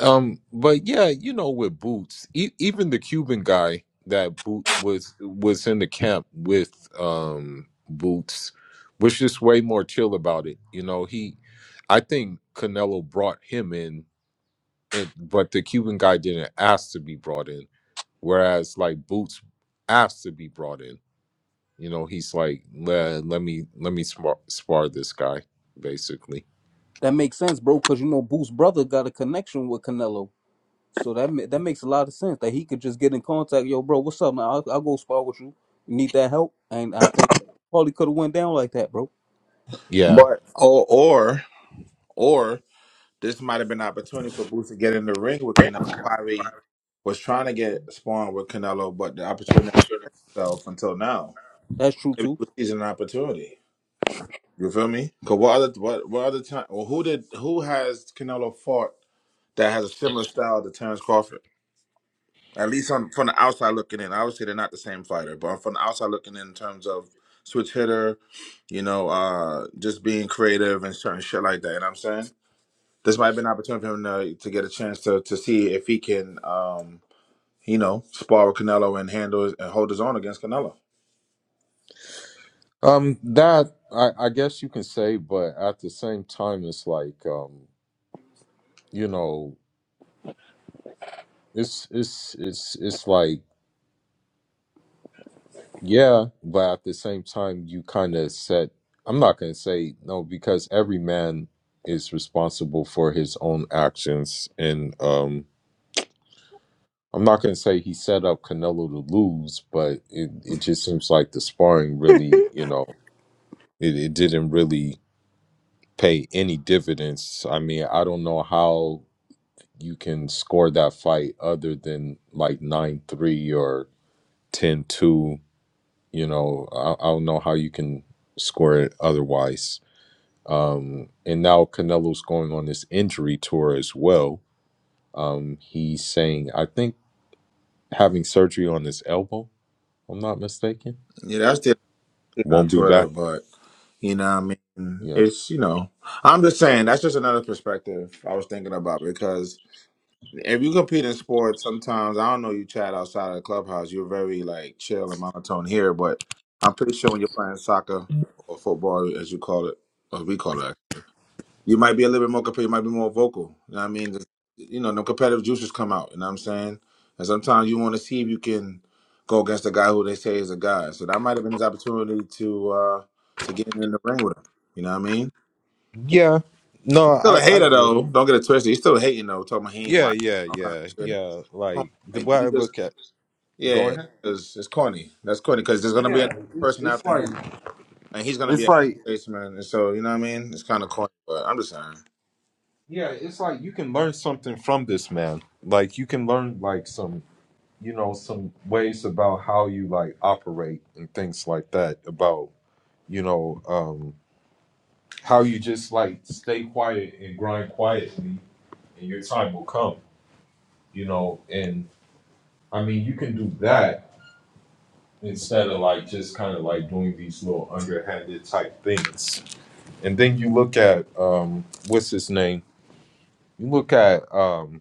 Speaker 5: Um, but yeah, you know, with Boots, e- even the Cuban guy that Boot was was in the camp with um Boots was just way more chill about it. You know, he, I think Canelo brought him in, and but the Cuban guy didn't ask to be brought in, whereas like Boots asked to be brought in. You know, he's like, let, let me let me spar, spar this guy, basically.
Speaker 4: That makes sense, bro, because you know Boo's brother got a connection with Canelo, so that ma- that makes a lot of sense that he could just get in contact. Yo, bro, what's up, man? I'll, I'll go spar with you. You need that help? And I think probably could have went down like that, bro.
Speaker 5: Yeah.
Speaker 7: But or or or this might have been an opportunity for Boots to get in the ring with Canelo. Probably was trying to get spawned with Canelo, but the opportunity itself until now.
Speaker 4: That's true
Speaker 7: Maybe
Speaker 4: too.
Speaker 7: he was seizing an opportunity. You feel me? Cause what other what what other time? Well, who did who has Canelo fought that has a similar style to Terrence Crawford? At least on from the outside looking in. Obviously, they're not the same fighter, but from the outside looking in, in terms of switch hitter, you know, uh, just being creative and certain shit like that. You know what I'm saying? this might have been an opportunity for him to, to get a chance to to see if he can, um, you know, spar with Canelo and handle his- and hold his own against Canelo.
Speaker 5: Um, that I, I guess you can say, but at the same time, it's like, um, you know, it's it's it's it's like, yeah, but at the same time, you kind of set. I'm not gonna say no because every man is responsible for his own actions, and um, I'm not gonna say he set up Canelo to lose, but it it just seems like the sparring really, you know, it, it didn't really pay any dividends. I mean, I don't know how you can score that fight other than like 9-3 or ten two. you know I, I don't know how you can score it otherwise um and now canelo's going on this injury tour as well um he's saying i think having surgery on his elbow if i'm not mistaken
Speaker 7: Yeah, that's the thing on
Speaker 5: won't be
Speaker 7: Twitter,
Speaker 5: back
Speaker 7: but you know, what I mean,
Speaker 5: yeah
Speaker 7: it's you know, I'm just saying that's just another perspective I was thinking about because if you compete in sports, sometimes I don't know you chat outside of the clubhouse, you're very like chill and monotone here, but I'm pretty sure when you're playing soccer or football, as you call it, or we call it you might be a little bit more competitive, you might be more vocal. You know what I mean? Just, you know, the competitive juices come out, you know what I'm saying? And sometimes you want to see if you can go against a guy who they say is a guy. So that might have been his opportunity to uh to get in the ring with him. You know what I mean?
Speaker 5: Yeah. No,
Speaker 7: He's still a
Speaker 5: I, I
Speaker 7: hater
Speaker 5: get
Speaker 7: though.
Speaker 5: it.
Speaker 7: Don't get it twisted. He's still hating though, talking about he ain't
Speaker 5: Yeah,
Speaker 7: watching
Speaker 5: yeah,
Speaker 7: all kind of
Speaker 5: yeah,
Speaker 7: shit.
Speaker 5: yeah.
Speaker 7: Corny.
Speaker 5: Like the
Speaker 7: Like
Speaker 5: way I
Speaker 7: you just
Speaker 5: look at go
Speaker 7: yeah,
Speaker 5: ahead.
Speaker 7: it's, it's corny. That's corny because there's gonna be
Speaker 5: Yeah,
Speaker 7: another
Speaker 5: it's
Speaker 7: person
Speaker 5: it's
Speaker 7: after
Speaker 5: like
Speaker 7: him and he's gonna be
Speaker 5: it's
Speaker 7: a
Speaker 5: like
Speaker 7: spaceman and so you know what I mean? It's kinda corny, but I'm just saying.
Speaker 5: Yeah, it's like you can learn something from this man. Like you can learn like some, you know, some ways about how you like operate and things like that about, you know, um how you just like stay quiet and grind quietly and your time will come, you know, and I mean, you can do that instead of like just kind of like doing these little underhanded type things. And then you look at um what's his name? You look at um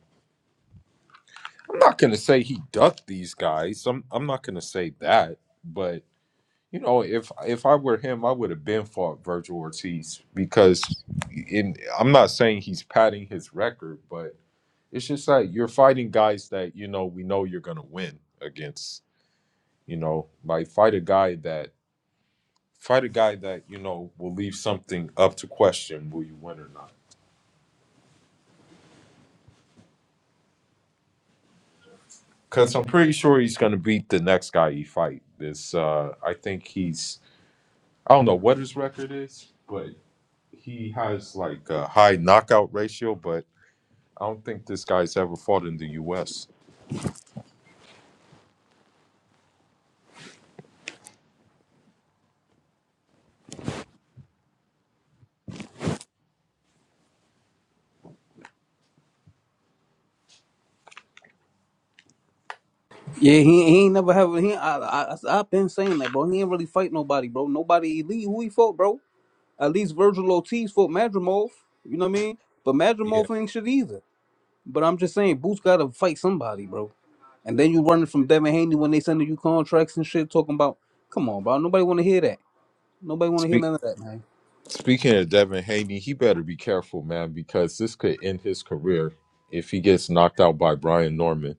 Speaker 5: I'm not gonna say he ducked these guys. I'm I'm not gonna say that, but you know, if if I were him, I would have been fought Virgil Ortiz because in I'm not saying he's padding his record, but it's just like you're fighting guys that you know we know you're gonna win against. You know, like fight a guy that fight a guy that you know will leave something up to question will you win or not. Because I'm pretty sure he's gonna beat the next guy he fight. This uh I think he's I don't know what his record is, but he has like a high knockout ratio. But I don't think this guy's ever fought in the U.S.
Speaker 4: Yeah, he, he ain't never have. He, I, I, I- I've been saying that, bro. He ain't really fight nobody, bro. Nobody elite. Who he fought, bro? At least Virgil Ortiz fought Madrimov. You know what I mean? But
Speaker 5: Yeah.
Speaker 4: Madrimov ain't shit either. But I'm just saying, Boots got to fight somebody, bro. And then you running from Devin Haney when they sending you contracts and shit, talking about, come on, bro. Nobody want to hear that. Nobody want to hear
Speaker 5: Speak,
Speaker 4: none of that, man.
Speaker 5: speaking of Devin Haney, he better be careful, man, because this could end his career if he gets knocked out by Brian Norman.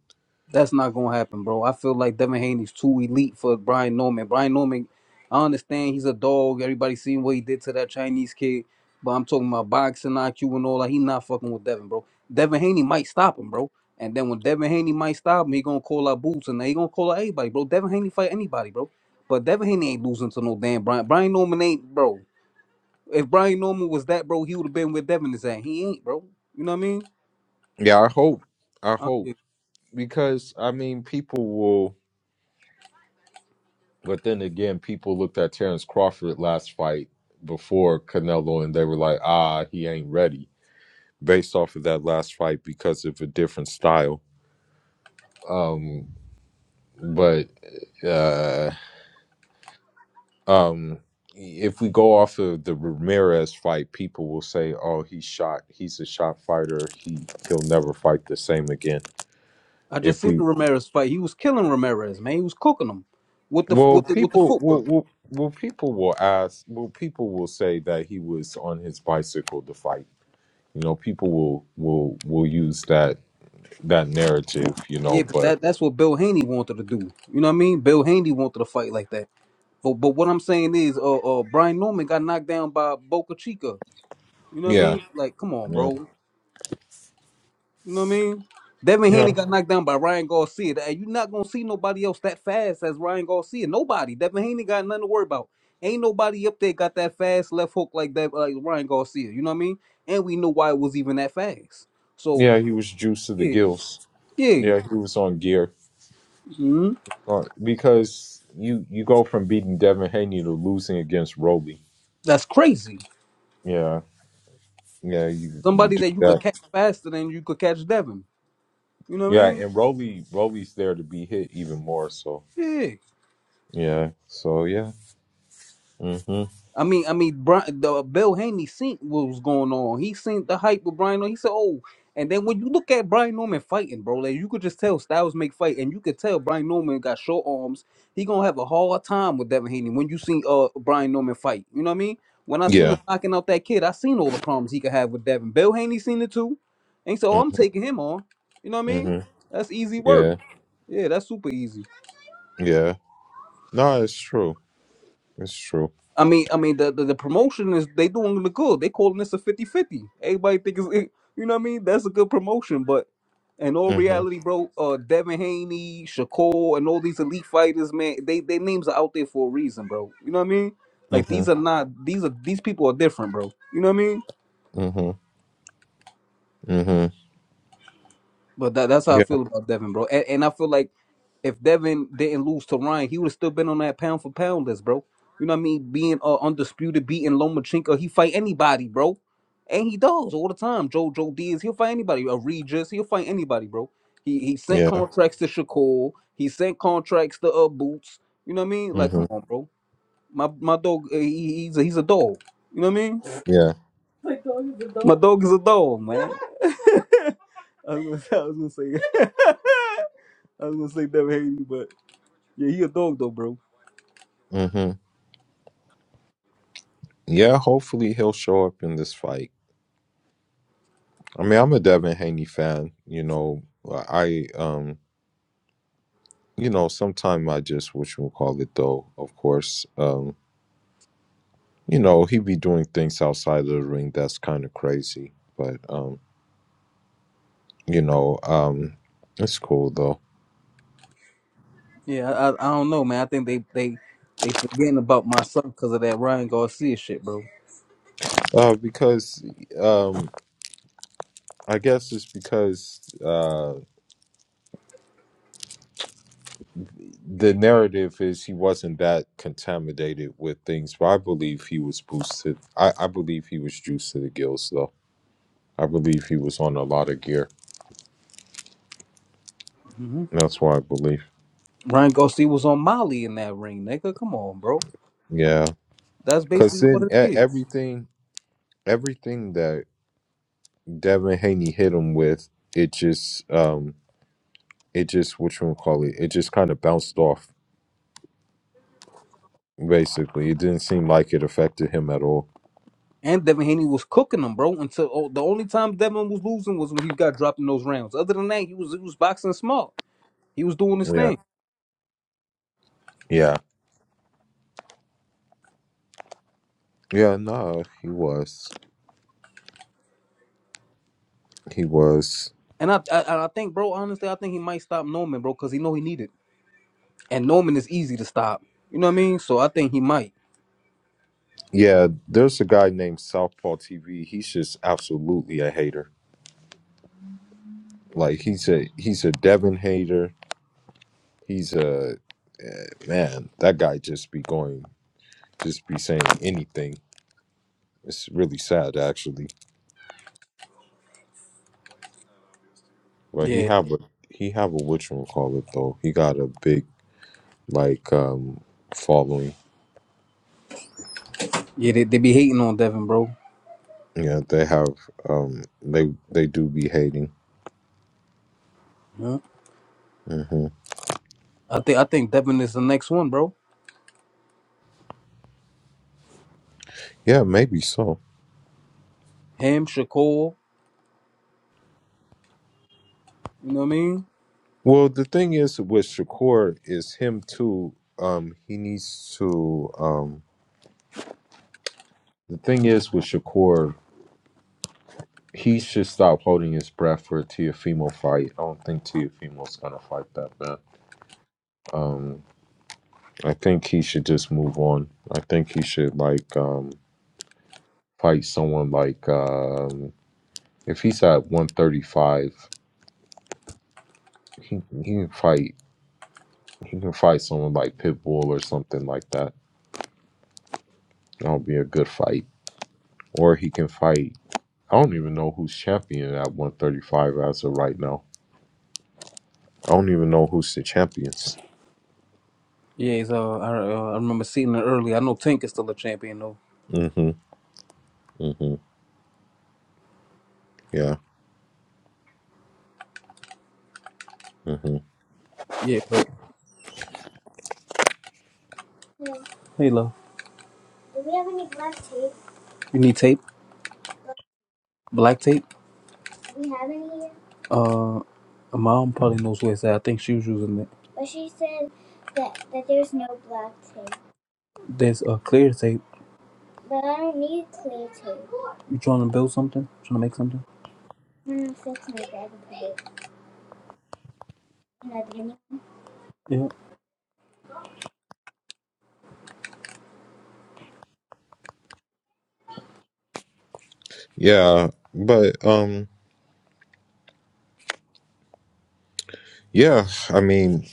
Speaker 4: That's not gonna happen, bro. I feel like Devin Haney's too elite for Brian Norman. Brian Norman, I understand he's a dog. Everybody seen what he did to that Chinese kid, but I'm talking about boxing IQ and all that. He not fucking with Devin, bro. Devin Haney might stop him, bro. And then when Devin Haney might stop him, he gonna call out Boots and he gonna call out everybody, bro. Devin Haney fight anybody, bro. But Devin Haney ain't losing to no damn Brian. Brian Norman ain't, bro. If Brian Norman was that, bro, he would have been with Devin his ass. He ain't, bro. You know what I mean?
Speaker 5: Yeah, I hope. I
Speaker 4: Uh, yeah.
Speaker 5: hope because I mean, people will. But then again, people looked at Terrence Crawford last fight before Canelo, and they were like, "Ah, he ain't ready." based off of that last fight because of a different style. Um, but uh, um, if we go off of the Ramirez fight, people will say, "Oh, he shot. He's a shot fighter. He he'll never fight the same again."
Speaker 4: I just
Speaker 5: If
Speaker 4: seen
Speaker 5: we
Speaker 4: Ramirez fight. He was killing Ramirez, man. He was cooking him with the
Speaker 5: well,
Speaker 4: with the with the
Speaker 5: people will.
Speaker 4: footwork.
Speaker 5: will well, people will ask. Well, people will say that he was on his bicycle to fight. You know, people will will will use that that narrative. You
Speaker 4: Yeah,
Speaker 5: know,
Speaker 4: but
Speaker 5: but
Speaker 4: that that's what Bill Haney wanted to do. You know what I mean? Bill Haney wanted to fight like that. But but what I'm saying is, uh, uh Brian Norman got knocked down by Boca Chica. You know what I
Speaker 5: yeah,
Speaker 4: mean? Like, come on,
Speaker 5: yeah,
Speaker 4: bro. You know what I mean? Devin Haney
Speaker 5: yeah.
Speaker 4: got knocked down by Ryan Garcia. And you're not gonna see nobody else that fast as Ryan Garcia. Nobody. Devin Haney got nothing to worry about. Ain't nobody up there got that fast left hook like that, like Ryan Garcia. You know what I mean? And we know why it was even that fast. So
Speaker 5: Yeah, he was juiced to the
Speaker 4: yeah,
Speaker 5: gills.
Speaker 4: yeah,
Speaker 5: Yeah, he was on gear
Speaker 4: mhm.
Speaker 5: Uh, because you you go from beating Devin Haney to losing against Roly.
Speaker 4: that's crazy.
Speaker 5: Yeah, yeah, you you
Speaker 4: Somebody
Speaker 5: do
Speaker 4: that you could
Speaker 5: that.
Speaker 4: catch faster than you could catch Devin. You know what I
Speaker 5: Yeah,
Speaker 4: mean?
Speaker 5: and Roly Roly's there to be hit even more. So
Speaker 4: Yeah.
Speaker 5: yeah, so yeah, hmm
Speaker 4: I mean, I mean, Brian, the Bill Haney seen what was going on. He seen the hype with Brian. Norman. He said, "Oh," and then when you look at Brian Norman fighting, bro, like you could just tell Styles make fight, and you could tell Brian Norman got short arms. He gonna have a hard time with Devin Haney when you see uh Brian Norman fight. You know what I mean? When I seen him
Speaker 5: yeah,
Speaker 4: knocking out that kid, I seen all the problems he could have with Devin. Bill Haney seen it too, and so "Oh,
Speaker 5: hmm
Speaker 4: I'm taking him on. You know what I mean?
Speaker 5: hmm
Speaker 4: That's easy work.
Speaker 5: yeah,
Speaker 4: Yeah, that's super easy.
Speaker 5: yeah. No, it's true. It's true.
Speaker 4: I mean, I mean, the, the, the promotion is they doing the good. They calling this a fifty fifty. Everybody think it's [laughs] it- you know what I mean. That's a good promotion, but in all
Speaker 5: hmm
Speaker 4: reality, bro, uh, Devin Haney, Shakur, and all these elite fighters, man, they their names are out there for a reason, bro. You know what I mean? Like
Speaker 5: hmm
Speaker 4: these are not these are these people are different, bro. You know what I mean?
Speaker 5: hmm hmm
Speaker 4: But that, that's how I
Speaker 5: Yeah,
Speaker 4: feel about Devin, bro. And, and I feel like if Devin didn't lose to Ryan, he would have still been on that pound for pound list, bro. You know what I mean? Being uh, undisputed, beating Lomachenko, he fight anybody, bro. And he does all the time. Joe Joe Diaz, he'll fight anybody. A Regis, he'll fight anybody, bro. He he sent
Speaker 5: yeah,
Speaker 4: contracts to Shakur. He sent contracts to uh Boots. You know what I mean? Like,
Speaker 5: hmm
Speaker 4: come on, bro. My my dog, uh, he, he's a, he's a dog. You know what I mean?
Speaker 5: yeah,
Speaker 4: My dog is a dog, man. [laughs] I was gonna, I was gonna say. [laughs] I was gonna say never hate you, but yeah, he a dog though, bro.
Speaker 5: hmm yeah. Hopefully he'll show up in this fight I mean, I'm a Devin Haney fan. You know, I um, you know, sometime I just what you call it though. Of course, um, you know, he be doing things outside of the ring that's kind of crazy. But um, you know, um, it's cool though.
Speaker 4: Yeah, I, I, I don't know, man. I think they they they forgetting about my son because of that Ryan Garcia shit, bro.
Speaker 5: Uh, because um, I guess it's because uh, the narrative is he wasn't that contaminated with things, but I believe he was boosted. I I believe he was juiced to the gills though. I believe he was on a lot of gear
Speaker 4: hmm
Speaker 5: That's why I believe.
Speaker 4: Ryan Garcia was on Molly in that ring, nigga. Come on, bro.
Speaker 5: Yeah,
Speaker 4: That's
Speaker 5: because
Speaker 4: basically what
Speaker 5: then
Speaker 4: it
Speaker 5: e-
Speaker 4: is.
Speaker 5: everything, everything that Devin Haney hit him with, it just, um, it just what you wanna call it, it just kind of bounced off. Basically, it didn't seem like it affected him at all.
Speaker 4: And Devin Haney was cooking him, bro. Until oh, the only time Devin was losing was when he got dropped in those rounds. Other than that, he was he was boxing smart. He was doing his
Speaker 5: Yeah,
Speaker 4: thing.
Speaker 5: yeah, yeah. No, he was, he was.
Speaker 4: And I, I I think, bro, honestly, I think he might stop Norman, bro, because he know he needed. And Norman is easy to stop. You know what I mean? So I think he might.
Speaker 5: Yeah, there's a guy named Southpaw TV. He's just absolutely a hater. Like he's a he's a Devin hater. He's a eh, man. That guy just be going. just be saying anything. It's really sad actually. But he
Speaker 4: Yeah.
Speaker 5: have a he have a which one call it though. He got a big like um following.
Speaker 4: Yeah, they, they be hating on Devin, bro.
Speaker 5: Yeah, they have um they they do be hating.
Speaker 4: Yeah.
Speaker 5: hmm
Speaker 4: I think I think Devin is the next one, bro.
Speaker 5: Yeah, maybe so.
Speaker 4: Him, Shakur, you know what I mean?
Speaker 5: Well, the thing is with Shakur is him too. Um, he needs to. Um, the thing is with Shakur, he should stop holding his breath for a Tiafimo fight. I don't think Tiafimo's gonna fight that man. Um, I think he should just move on. I think he should like um fight someone like um if he's at one thirty five, he he can fight he can fight someone like Pitbull or something like that. That'll be a good fight. Or he can fight I don't even know who's champion at one thirty five as of right now. I don't even know who's the champions.
Speaker 4: Yeah, he's uh I, uh, I remember seeing it early. I know Tank is still a champion though.
Speaker 5: Mhm. Mhm. Yeah. Mhm.
Speaker 4: Yeah, but yeah. hey, love. Do we have any black tape? You need tape, black tape. Do We have any? here? Uh, mom probably knows where it's at. I think she was using it. But she said that that There's no black tape. There's a uh, clear tape. But I don't need clear tape. You trying to build something? Trying to make something? Bunun sesini de yapayım. Adımını Yeah.
Speaker 5: Yeah. But um yeah, I mean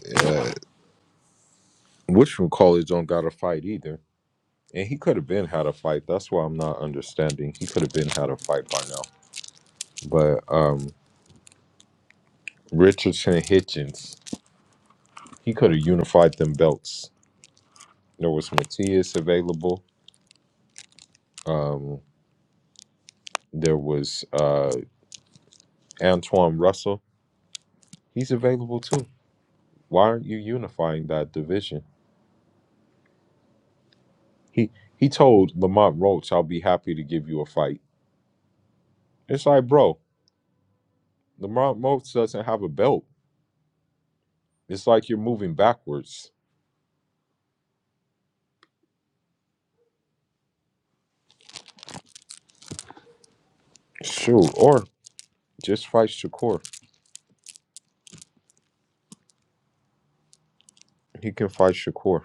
Speaker 5: which college don't got to fight either. And he could have been had a fight. That's why I'm not understanding. He could have been had a fight by now. But um, Richardson and Hitchens, he could have unified them belts. There was Matias available. Um, there was uh, Antoine Russell. He's available too. Why aren't you unifying that division? He he told Lamont Roach, "I'll be happy to give you a fight." It's like, bro, Lamont Roach doesn't have a belt. It's like you're moving backwards. Shoot, or just fight Shakur. He can fight Shakur.